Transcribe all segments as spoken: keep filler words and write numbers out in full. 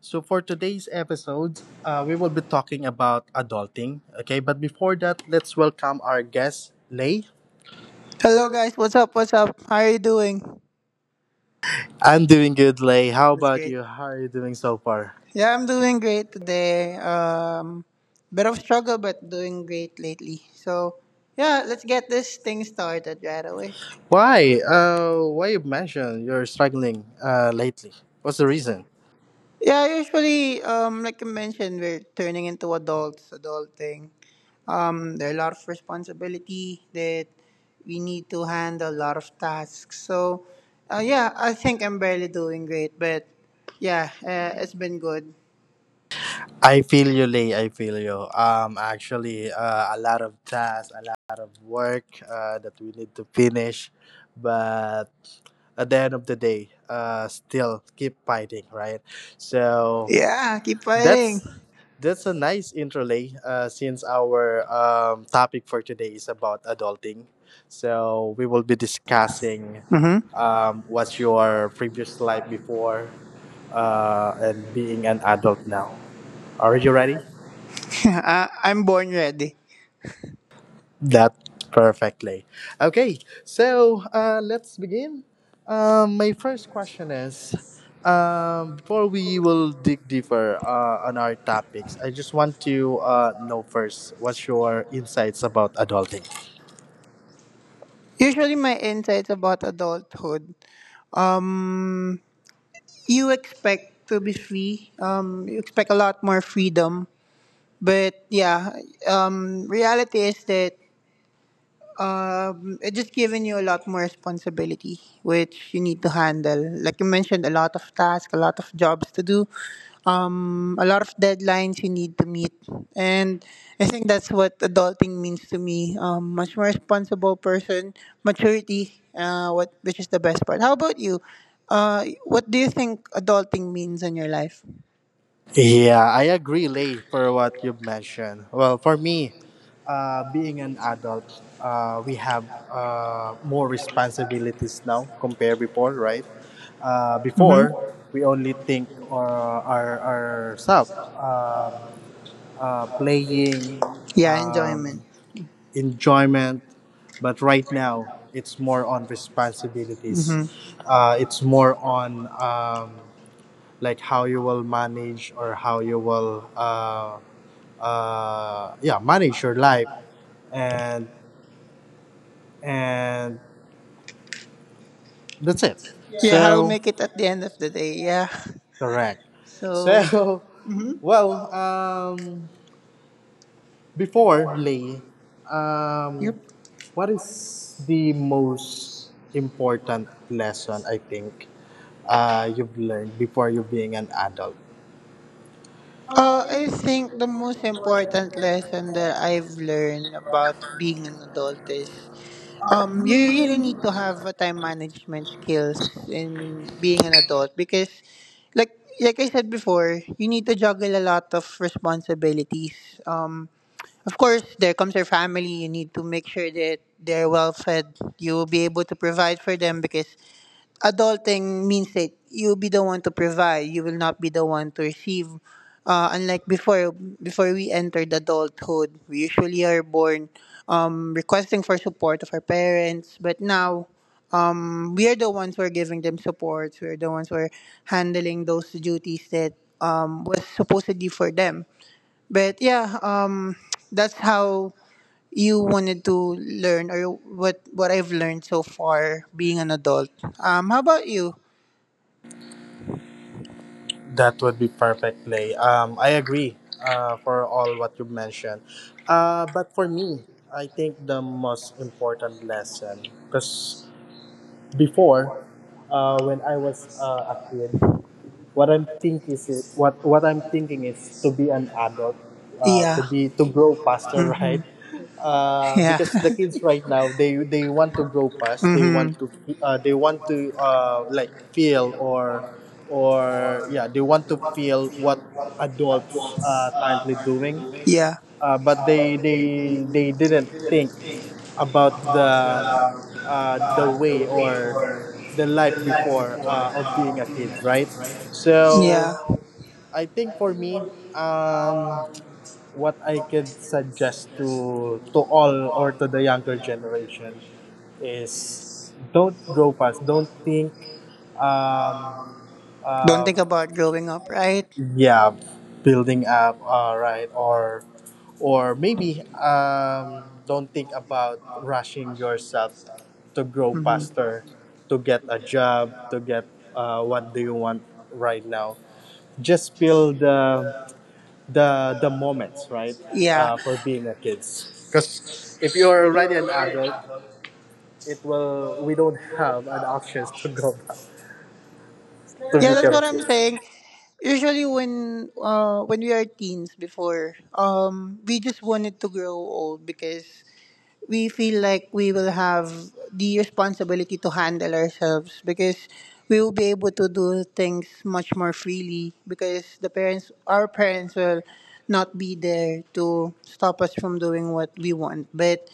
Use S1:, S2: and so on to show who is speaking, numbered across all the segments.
S1: So for today's episode, uh, we will be talking about adulting. Okay, but before that, let's welcome our guest, Lay.
S2: Hello guys, what's up? What's up? How are you doing?
S1: I'm doing good, Lay. How
S2: That's
S1: about
S2: great.
S1: you? How are you doing so far?
S2: Yeah, I'm doing great today. Um, bit of struggle, but doing great lately. So, yeah, let's get this thing started right away.
S1: Why? Uh, why you mentioned you're struggling uh, lately? What's the reason?
S2: Yeah, usually, um, like I mentioned, we're turning into adults, adulting. Um, there are a lot of responsibility that we need to handle, a lot of tasks. So, uh, yeah, I think I'm barely doing great, but yeah, uh, it's been good.
S1: I feel you, Lee. I feel you. Um, actually, uh, a lot of tasks, a lot of work uh, that we need to finish, but at the end of the day, uh, still keep fighting, right? So
S2: Yeah, keep fighting.
S1: that's that's a nice intro, Lee. Uh, since our um, topic for today is about adulting, so we will be discussing
S2: Mm-hmm.
S1: um, what's your previous life before uh, and being an adult now. Are you ready?
S2: uh, I'm born ready.
S1: That's perfectly. Okay, so uh, let's begin. Um, my first question is um, before we will dig deeper uh, on our topics, I just want to uh, know first what's your insights about adulting?
S2: Usually, my insights about adulthood, um, you expect to be free. Um, you expect a lot more freedom. But yeah, um, reality is that Um, it just given you a lot more responsibility, which you need to handle. Like you mentioned, a lot of tasks, a lot of jobs to do, um, a lot of deadlines you need to meet, and I think that's what adulting means to me. Um, much more responsible person, maturity. Uh, what which is the best part? How about you? Uh, what do you think adulting means in your life?
S1: Yeah, I agree, Lay, for what you've mentioned. Well, for me, uh, being an adult, uh, we have uh, more responsibilities now compared before, right? Uh, before, we only think or our ourselves, um, uh, playing,
S2: Yeah,
S1: um,
S2: enjoyment.
S1: enjoyment, but right now it's more on responsibilities.
S2: Mhm.
S1: Uh, it's more on. Um, like how you will manage or how you will uh, uh, yeah manage your life and and that's it
S2: Yeah, how will
S1: so
S2: make it at the end of the day? Yeah.
S1: correct
S2: So.
S1: so
S2: Mhm.
S1: well um before Lee, um what is the most important lesson I think uh you've learned before you being an adult.
S2: Uh, I think the most important lesson that I've learned about being an adult is um, you really need to have a time management skills in being an adult because, like, like I said before, you need to juggle a lot of responsibilities. Um, of course, there comes your family. You need to make sure that they're well fed. You will be able to provide for them because adulting means that you'll be the one to provide, you will not be the one to receive, uh, unlike before, before we entered adulthood we usually are born um, requesting for support of our parents, but now, um, we are the ones who are giving them support, we are the ones who are handling those duties that um, was supposedly for them. But yeah, um, that's how you wanted to learn or what what I've learned so far being an adult. Um, how about you?
S1: That would be perfect, Lay. Um, I agree uh, for all what you mentioned. Uh, but for me, I think the most important lesson, because before, uh, when I was uh, a kid, what I'm think is it, what what I'm thinking is to be an adult, uh, to
S2: Yeah.
S1: be to grow faster, right? Uh,
S2: Yeah.
S1: because the kids right now they they want to grow fast. They
S2: hmm.
S1: want to fe- uh, they want to uh, like feel or or yeah they want to feel what adults are currently doing
S2: Yeah.
S1: uh, but they they they didn't think about the uh, the way or the life before uh, of being a kid, right?
S2: Yeah.
S1: So I think for me, um, what I could suggest to to all or to the younger generation is don't grow past, don't think um,
S2: Don't
S1: uh,
S2: think about growing up, right?
S1: yeah building up all right or or maybe um don't think about rushing yourself to grow faster to get a job to get uh, what do you want right now just feel the the the moments right
S2: Yeah.
S1: uh, for being a kids because if you're already an adult it will we don't have an options to go back to
S2: Yeah, that's
S1: become a
S2: what I'm
S1: kid.
S2: saying. Usually when uh when we are teens before, um we just wanted to grow old because we feel like we will have the responsibility to handle ourselves, because we will be able to do things much more freely because the parents, our parents will not be there to stop us from doing what we want. But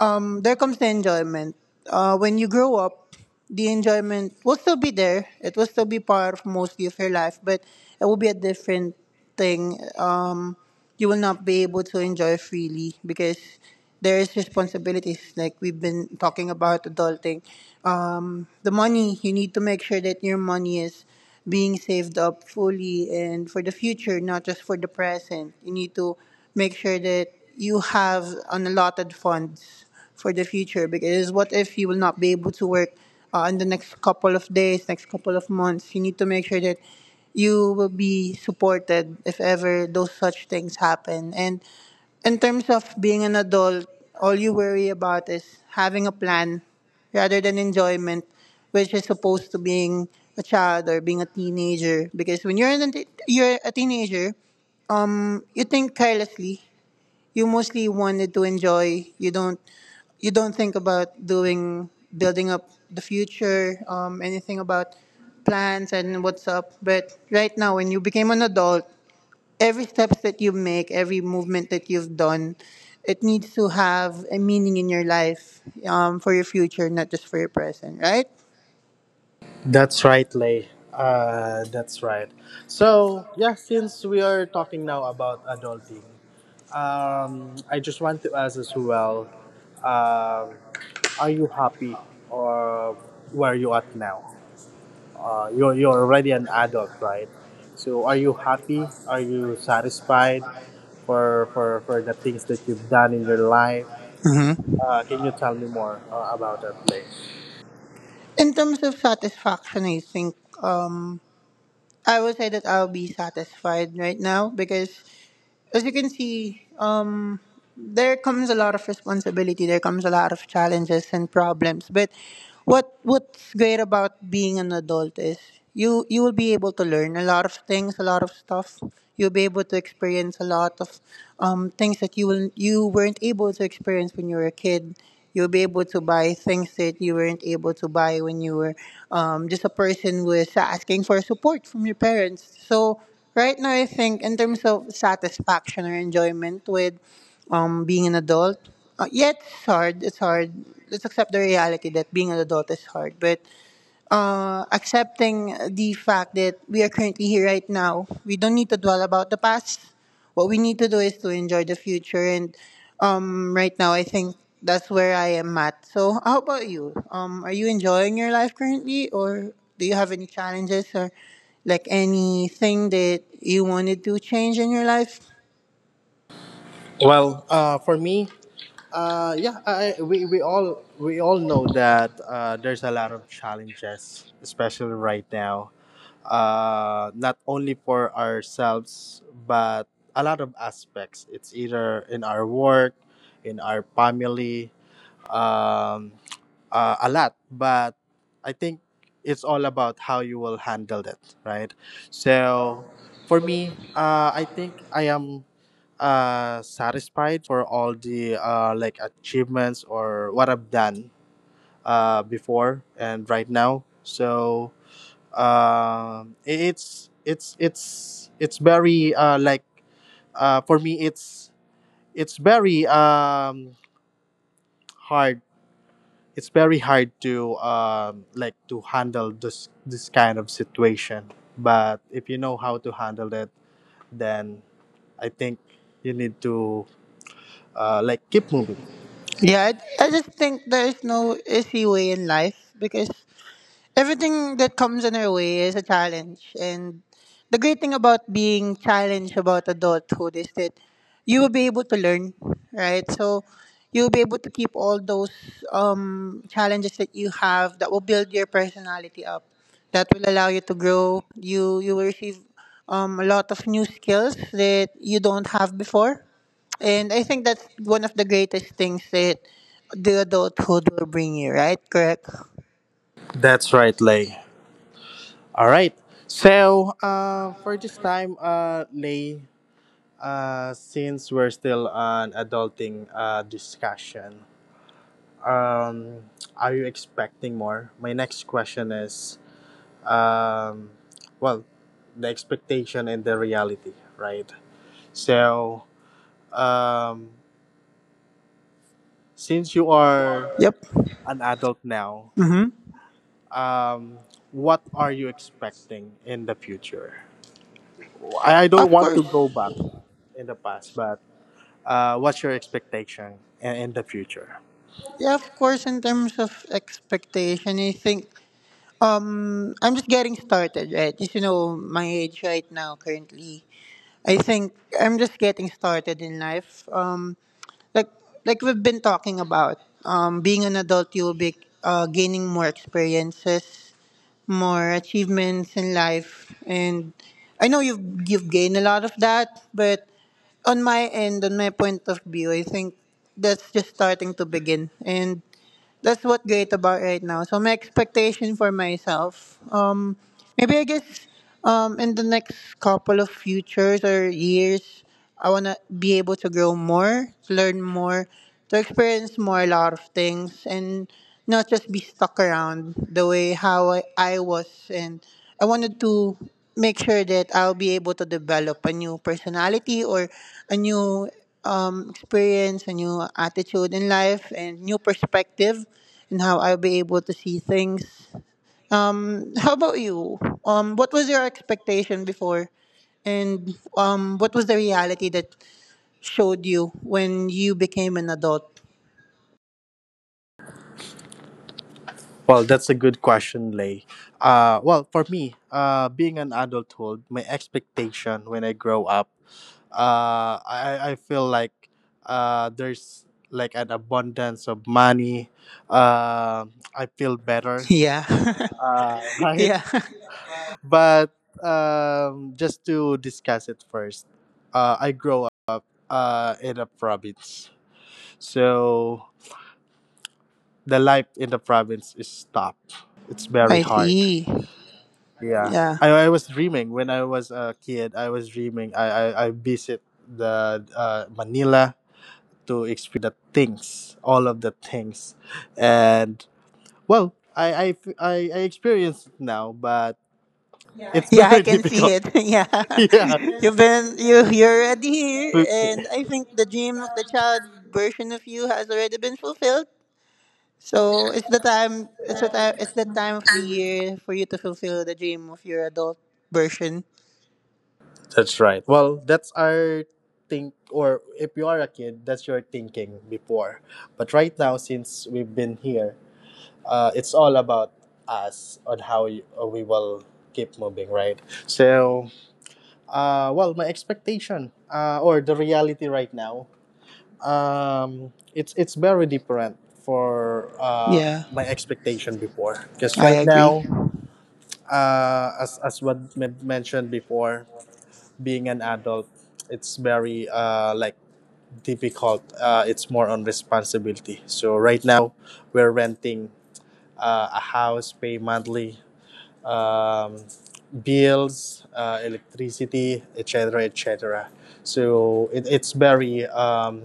S2: um there comes the enjoyment, uh when you grow up the enjoyment will still be there, it will still be part of mostly of your life, but it will be a different thing. Um you will not be able to enjoy freely because there is responsibilities, like we've been talking about adulting. Um, the money, you need to make sure that your money is being saved up fully and for the future, not just for the present. You need to make sure that you have an allotted funds for the future, because what if you will not be able to work uh, in the next couple of days, next couple of months. You need to make sure that you will be supported if ever those such things happen. And in terms of being an adult, all you worry about is having a plan rather than enjoyment, which is opposed to being a child or being a teenager. Because when you're an, you're a teenager, you think carelessly, you mostly wanted to enjoy, you don't you don't think about doing building up the future, um, anything about plans and what's up. But right now when you became an adult, every steps that you make, every movement that you've done, it needs to have a meaning in your life, um, for your future, not just for your present, right?
S1: That's right, Lay. Uh, that's right. So yeah, since we are talking now about adulting, um, I just want to ask as well, um, are you happy or where you at now? Uh, you're you're already an adult, right? So are you happy? Are you satisfied for for for the things that you've done in your life? Uh, can you tell me more uh, about that, Lay?
S2: In terms of satisfaction, I think um, I would say that I'll be satisfied right now because, as you can see, um, there comes a lot of responsibility. There comes a lot of challenges and problems. But what what's great about being an adult is you you will be able to learn a lot of things, a lot of stuff. You'll be able to experience a lot of um, things that you will you weren't able to experience when you were a kid. You'll be able to buy things that you weren't able to buy when you were um, just a person with asking for support from your parents. So right now, I think in terms of satisfaction or enjoyment with um, being an adult, uh, yeah, it's hard. It's hard. Let's accept the reality that being an adult is hard, but uh, accepting the fact that we are currently here right now. We don't need to dwell about the past. What we need to do is to enjoy the future. And um, right now, I think that's where I am at. So, how about you? Um, are you enjoying your life currently, or do you have any challenges or like anything that you wanted to change in your life?
S1: Well, uh, for me, Uh, yeah, I, I- we, we all we all know that uh, there's a lot of challenges, especially right now. Uh, not only for ourselves, but a lot of aspects. It's either in our work, in our family, um, uh, a lot, but I think it's all about how you will handle it, right? So for me, uh, I think I am uh, satisfied for all the uh, like achievements or what I've done uh, before and right now. So um, i- it's it's it's it's very uh, like uh, for me it's it's very um, hard it's very hard to um, like to handle this this kind of situation. But if you know how to handle it, then I think you need to uh, like keep moving.
S2: Yeah, I, I just think there's no easy way in life because everything that comes in our way is a challenge. And the great thing about being challenged about adulthood is that you will be able to learn, right? So you'll be able to keep all those um, challenges that you have that will build your personality up. That will allow you to grow. You you will receive um, a lot of new skills that you don't have before. And I think that's one of the greatest things that the adulthood will bring you, right? Correct?
S1: That's right, Lay. All right. So uh, for this time, uh, Lay, uh, since we're still on adulting uh, discussion, um, are you expecting more? My next question is um, well, the expectation and the reality, right? So, um, since you are
S2: Yep.
S1: an adult now, um, what are you expecting in the future? I, I don't
S2: Of
S1: want
S2: course,
S1: to go back in the past, but uh, what's your expectation in, in the future?
S2: yeah, of course, in terms of expectation, I think. Um, I'm just getting started, right? just You know, my age right now, currently, I think I'm just getting started in life. Um, like like we've been talking about, um, being an adult, you'll be uh, gaining more experiences, more achievements in life, and I know you've you've gained a lot of that, but on my end, on my point of view, I think that's just starting to begin, and that's what great about right now. So my expectation for myself, um, maybe I guess um, in the next couple of futures or years, I wanna be able to grow more, to learn more, to experience more a lot of things, and not just be stuck around the way how I, I was. And I wanted to make sure that I'll be able to develop a new personality or a new um, experience, a new attitude in life, and new perspective in how I'll be able to see things. Um, how about you? Um, what was your expectation before, and um, what was the reality that showed you when you became an adult?
S1: Well, that's a good question, Lay. Uh, well, for me, uh, being an adulthood, my expectation when I grow up, uh, I, I feel like uh, there's like an abundance of money. Uh, I feel better,
S2: Yeah,
S1: uh, right?
S2: yeah,
S1: But um, just to discuss it first, uh, I grow up uh, in a province. So the life in the province is tough. It's very
S2: I
S1: hard.
S2: see.
S1: Yeah,
S2: Yeah.
S1: I, I was dreaming when I was a kid. I was dreaming. I I, I visit the uh, Manila to experience the the things, all of the things, and well, I I I, I experience it now, but it's
S2: Yeah, I
S1: very
S2: can see
S1: difficult.
S2: it. yeah,
S1: Yeah,
S2: you've been you you're already here, and I think the dream of the child version of you has already been fulfilled. So it's the time it's the time it's the time of the year for you to fulfill the dream of your adult version.
S1: that's right. Well, that's our think or if you are a kid that's your thinking before but right now since we've been here uh, it's all about us on how you, uh, we will keep moving, right? So, uh, well, my expectation uh, or the reality right now, um, it's it's very different for uh,
S2: Yeah,
S1: my expectation before. Because
S2: I
S1: right
S2: agree.
S1: now, uh, as as what men- mentioned before, being an adult, it's very uh, like difficult. Uh, it's more on responsibility. So right now, we're renting uh, a house, pay monthly, um, bills, uh, electricity, et cetera, et cetera. So it, it's very um,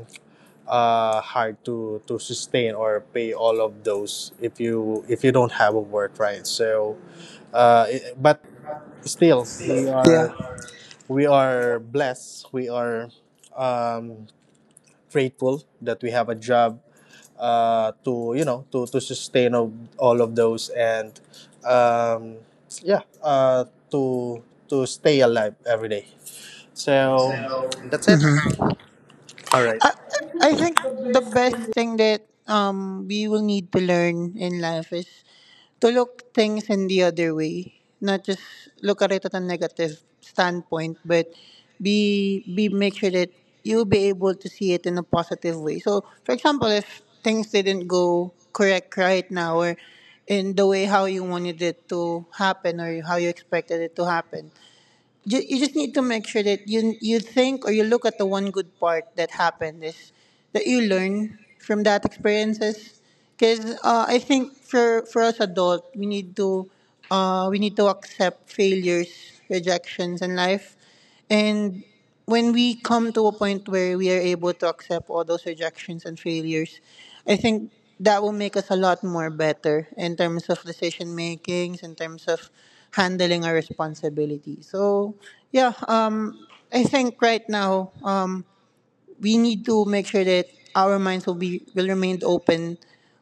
S1: uh, hard to, to sustain or pay all of those if you if you don't have a work, right? So, uh, i- but still, we
S2: Yeah.
S1: are we are blessed. We are um, grateful that we have a job uh, to you know to to sustain of all of those and um, yeah uh, to to stay alive every day. So that's it. All right.
S2: I think the best thing that um we will need to learn in life is to look things in the other way, not just look at it at a negative standpoint, but be be make sure that you'll be able to see it in a positive way. So, for example, if things didn't go correct right now, or in the way how you wanted it to happen or how you expected it to happen, you, you just need to make sure that you you think or you look at the one good part that happened is that you learn from that experiences because uh, I think for for us adult we need to uh, we need to accept failures, rejections in life, and when we come to a point where we are able to accept all those rejections and failures, I think that will make us a lot more better in terms of decision makings, in terms of handling our responsibility. So, yeah, um, I think right now um, we need to make sure that our minds will be will remain open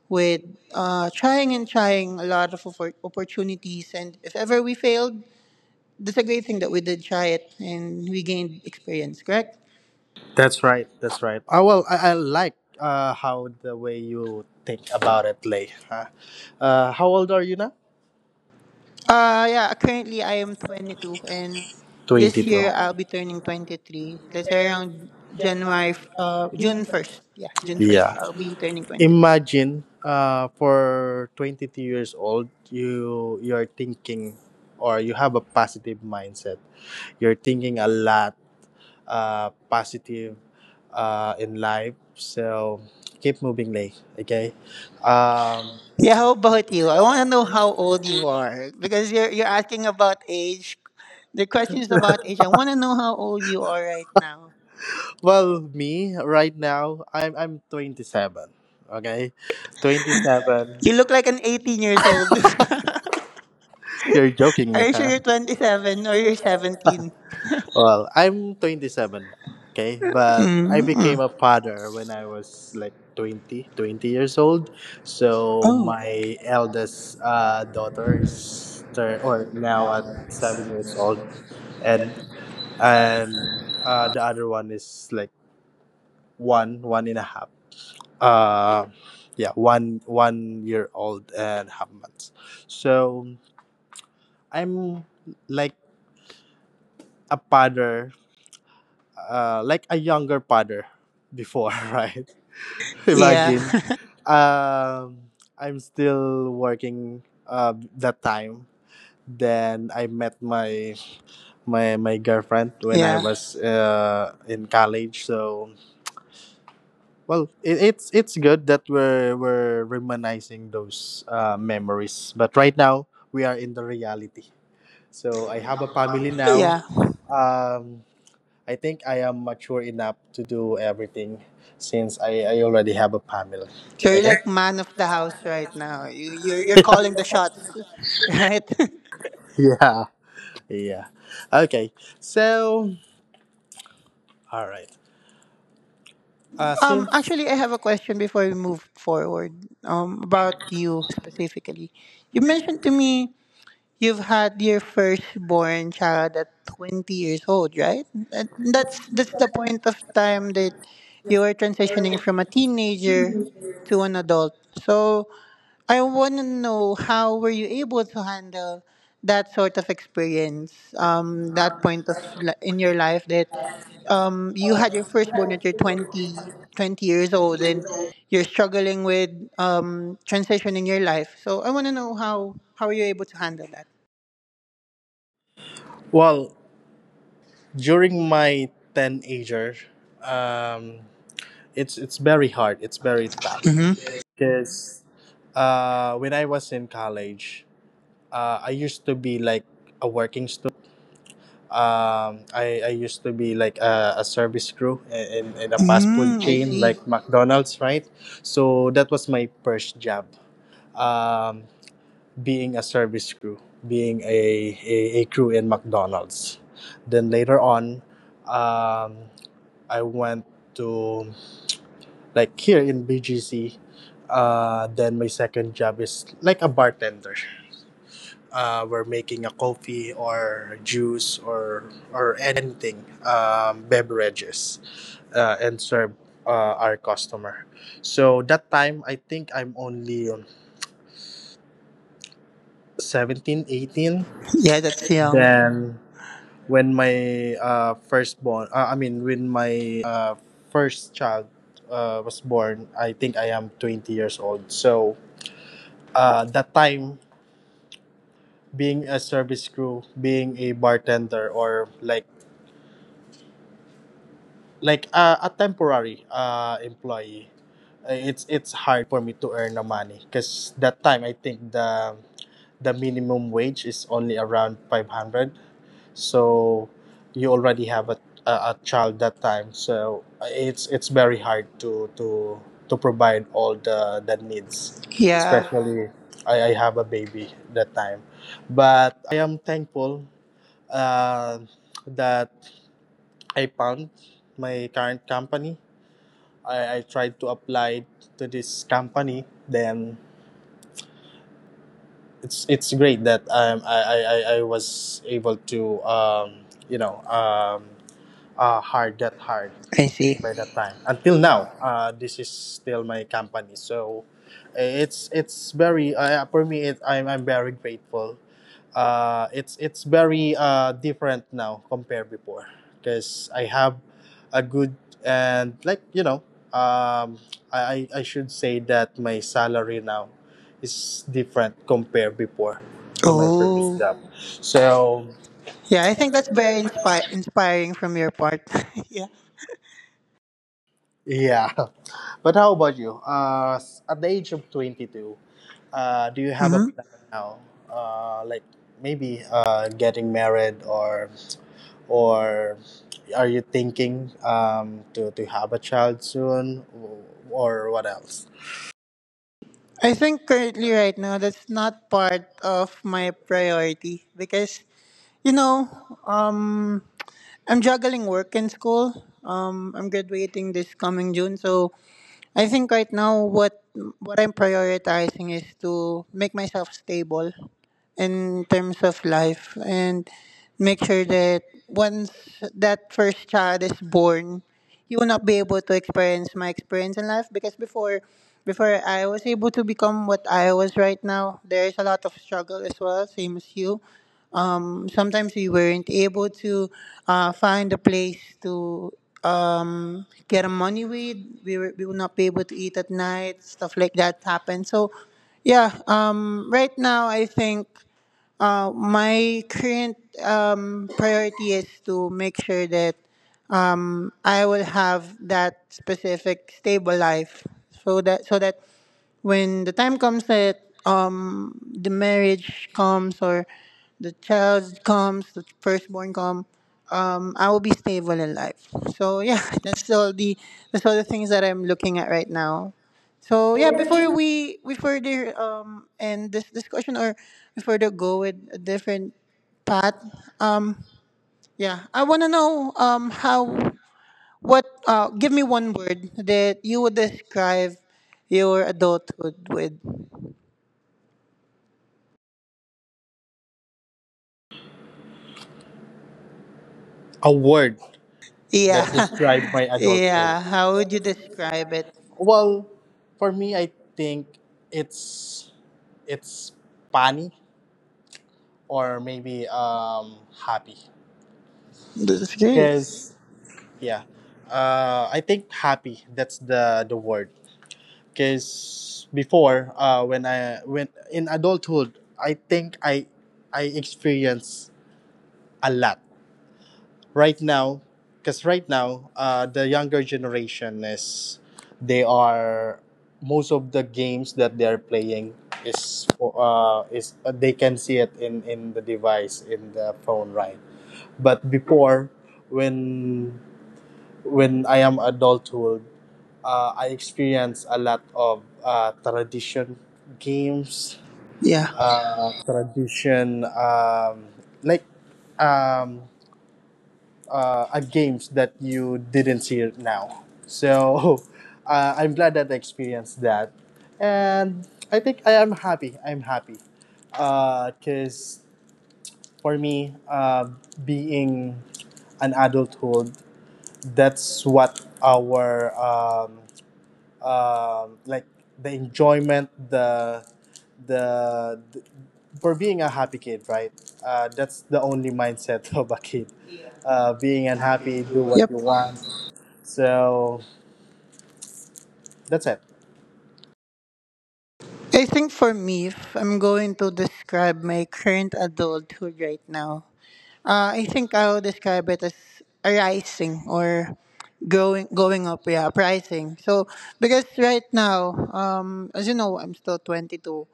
S2: with uh, trying and trying a lot of oppor- opportunities. And if ever we failed, that's a great thing that we did try it and we gained experience, correct?
S1: That's right. That's right. I well, I, I like uh, how the way you think about it, Lay. Huh? Uh, how old are you now?
S2: Uh, yeah, currently I am twenty-two and this
S1: Twenty-two.
S2: year I'll be turning twenty-three. Let's say around January, f- uh, June first. Yeah, June first.
S1: Yeah.
S2: I'll be turning twenty-three.
S1: Imagine uh, for twenty-two years old you you're thinking or you have a positive mindset you're thinking a lot uh, positive uh, in life so keep moving Lay. Okay. um,
S2: Yeah, how about you? I want to know how old you are because you're, you're asking about age. The question is about age. I want to know how old you are right now.
S1: well me right now i'm i'm twenty-seven. Okay, twenty-seven,
S2: You look like an eighteen years old.
S1: you're joking
S2: Are
S1: me
S2: you sure
S1: huh?
S2: you're twenty seven or you're seventeen?
S1: Well, I'm twenty-seven, okay? But I became a father when I was like twenty, twenty years old. So
S2: Oh.
S1: my eldest uh, daughter is turn or now at seven years old and and uh, the other one is like one, one and a half. Uh yeah, one one year old and half months. So I'm like a father, uh like a younger father before, right?
S2: Yeah.
S1: Imagine. Um, I'm still working uh, that time. Then I met my my my girlfriend when I
S2: Yeah.
S1: was uh, in college. So well, it, it's it's good that we're we're reminiscing those uh, memories. But right now we are in the reality. So I have a family now.
S2: Yeah.
S1: Um, I think I am mature enough to do everything since I, I already have a family.
S2: So you're
S1: Okay.
S2: like man of the house right now. You you're you're calling the shots, right?
S1: Yeah. Yeah. Okay. So, all right. Uh,
S2: Um
S1: since
S2: actually, I have a question before we move forward. Um about you specifically. You mentioned to me you've had your firstborn child at twenty years old, right? That- That's that's the point of time that you are transitioning from a teenager to an adult. So I want to know how were you able to handle that sort of experience, um, that point of li- in your life that um, you had your firstborn at your twenty twenty years old and you're struggling with um, transitioning your life. So I want to know how how are you able to handle that?
S1: well, during my teenager, um, it's it's very hard. It's very tough
S2: Mm-hmm.
S1: because uh, when I was in college, uh, I used to be like a working student. Um, I, I used to be like a, a service crew in, in a fast food
S2: Mm, I
S1: chain
S2: see.
S1: like McDonald's, right? So that was my first job. Um, Being a service crew, being a, a, a crew in McDonald's. Then later on, um, I went to like here in B G C. Uh, then my second job is like a bartender. Uh, we're making a coffee or juice or or anything um, beverages uh, and serve uh, our customer. So that time I think I'm only um, seventeen, eighteen.
S2: Yeah, that's young.
S1: Then when my uh, firstborn uh, i mean when my uh, first child uh, was born I think I am twenty years old so uh, that time being a service crew being a bartender or like like uh, a temporary uh, employee uh, it's it's hard for me to earn the money because that time I think the the minimum wage is only around five hundred so you already have a, a, a child that time so uh, it's it's very hard to to to provide all the the needs
S2: Yeah,
S1: especially I, I have a baby that time but I am thankful uh, that I found my current company. I, I tried to apply to this company then it's it's great that um, I, I, I I was able to um, you know um, uh, hard that hard
S2: I see.
S1: by that time. Until now, uh, this is still my company. So eh, it's it's very uh, yeah, for me. It, I'm I'm very grateful. Uh, it's it's very uh, different now compared before because I have a good and like you know um, I I should say that my salary now is different compared before to my previous
S2: Oh,
S1: job. So
S2: yeah. I think that's very inspi- inspiring from your part. Yeah.
S1: yeah. But how about you? Uh, s- at the age of twenty-two, uh, do you have a
S2: Mm-hmm.
S1: plan now? Uh, like maybe uh, getting married or or are you thinking um, to, to have a child soon or what else?
S2: I think currently, right now, that's not part of my priority because you know, um, I'm juggling work and school. Um, I'm graduating this coming June, so I think right now what what I'm prioritizing is to make myself stable in terms of life and make sure that once that first child is born, you will not be able to experience my experience in life. Because before before I was able to become what I was right now, there is a lot of struggle as well. Same as you, sometimes we weren't able to uh, find a place to um, get a money with. We, were, we will not be able to eat at night, stuff like that happened. So yeah, um, right now I think uh, my current um, priority is to make sure that I will have that specific stable life, so that so that when the time comes that um the marriage comes or the child comes, the firstborn come, um, I will be stable in life. So yeah, that's all the that's all the things that I'm looking at right now. So yeah, before we we further um end this discussion or we further go with a different path, um yeah, I wanna know um how what uh give me one word that you would describe your adulthood with.
S1: A word
S2: Yeah.
S1: that describes my adulthood.
S2: Yeah. How would you describe it?
S1: Well, for me, I think it's it's funny or maybe um, happy
S2: That's great.
S1: because Yeah. Uh, I think happy. That's the the word. Cause before, uh, when I when in adulthood, I think I I experience a lot. Right now, cause right now, uh, the younger generation is they are most of the games that they are playing is for uh is uh, they can see it in in the device in the phone right. But before, when when I am adulthood uh, I experienced a lot of uh, tradition games,
S2: Yeah.
S1: uh, tradition um, like um, uh, uh, games that you didn't see it now. So uh, I'm glad that I experienced that, and I think I am happy. I'm happy because for me, uh, being an adulthood, that's what our um, um, like the enjoyment, the, the the for being a happy kid, right? Uh, that's the only mindset of a kid. Uh, being unhappy, do what you
S2: Yep.
S1: want. So that's it.
S2: I think for me, if I'm going to describe my current adulthood right now, uh, I think I'll describe it as arising or growing, going up. Yeah, rising. So because right now, um, as you know, I'm still twenty two.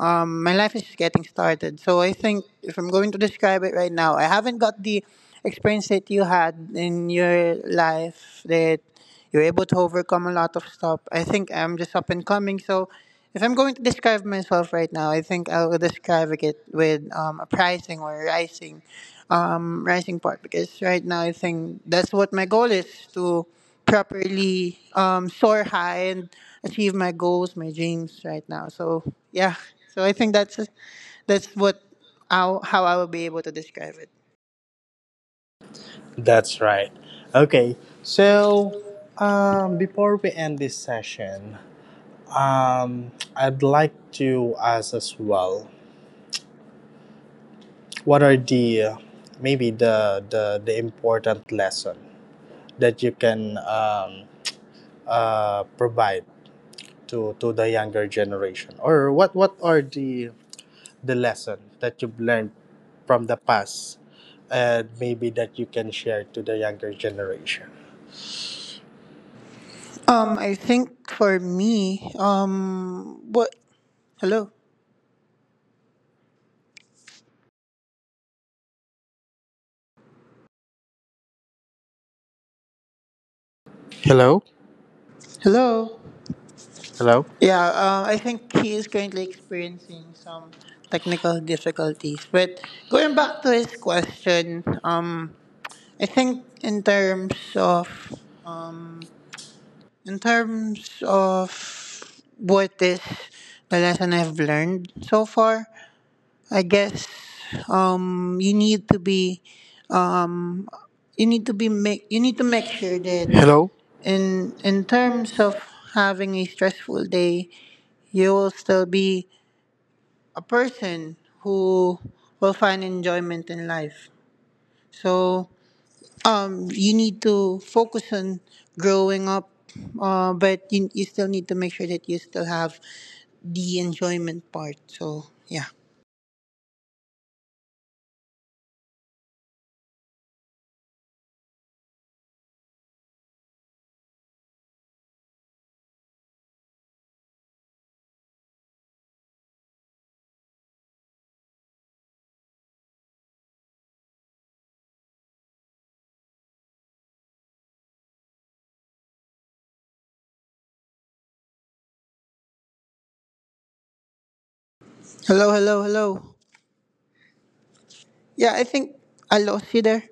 S2: um, My life is just getting started. So I think if I'm going to describe it right now, I haven't got the experience that you had in your life that you're able to overcome a lot of stuff. I think I'm just up and coming. So if I'm going to describe myself right now, I think I will describe it with um, a pricing or rising, um, rising part. Because right now I think that's what my goal is, to properly um, soar high and achieve my goals, my dreams right now. So yeah, so I think that's that's what how how I will be able to describe it.
S1: That's right. Okay. So um, before we end this session, um, I'd like to ask as well, what are the uh, maybe the the, the important lesson that you can um, uh, provide to, to the younger generation? Or what, what are the, the lesson that you've learned from the past and maybe that you can share to the younger generation?
S2: Um, I think for me, um, what hello,
S1: Hello?
S2: hello,
S1: Hello?
S2: yeah, uh, I think he is currently experiencing some technical difficulties. But going back to his question, um, I think in terms of In terms of what is the lesson I've learned so far, I guess um, you need to be um, you need to be make you need to make sure that
S1: Hello?
S2: in in terms of having a stressful day, you will still be a person who will find enjoyment in life. So um, you need to focus on growing up, uh, but you, you still need to make sure that you still have the enjoyment part. So, yeah. Hello, hello, hello. Yeah, I think I lost you there.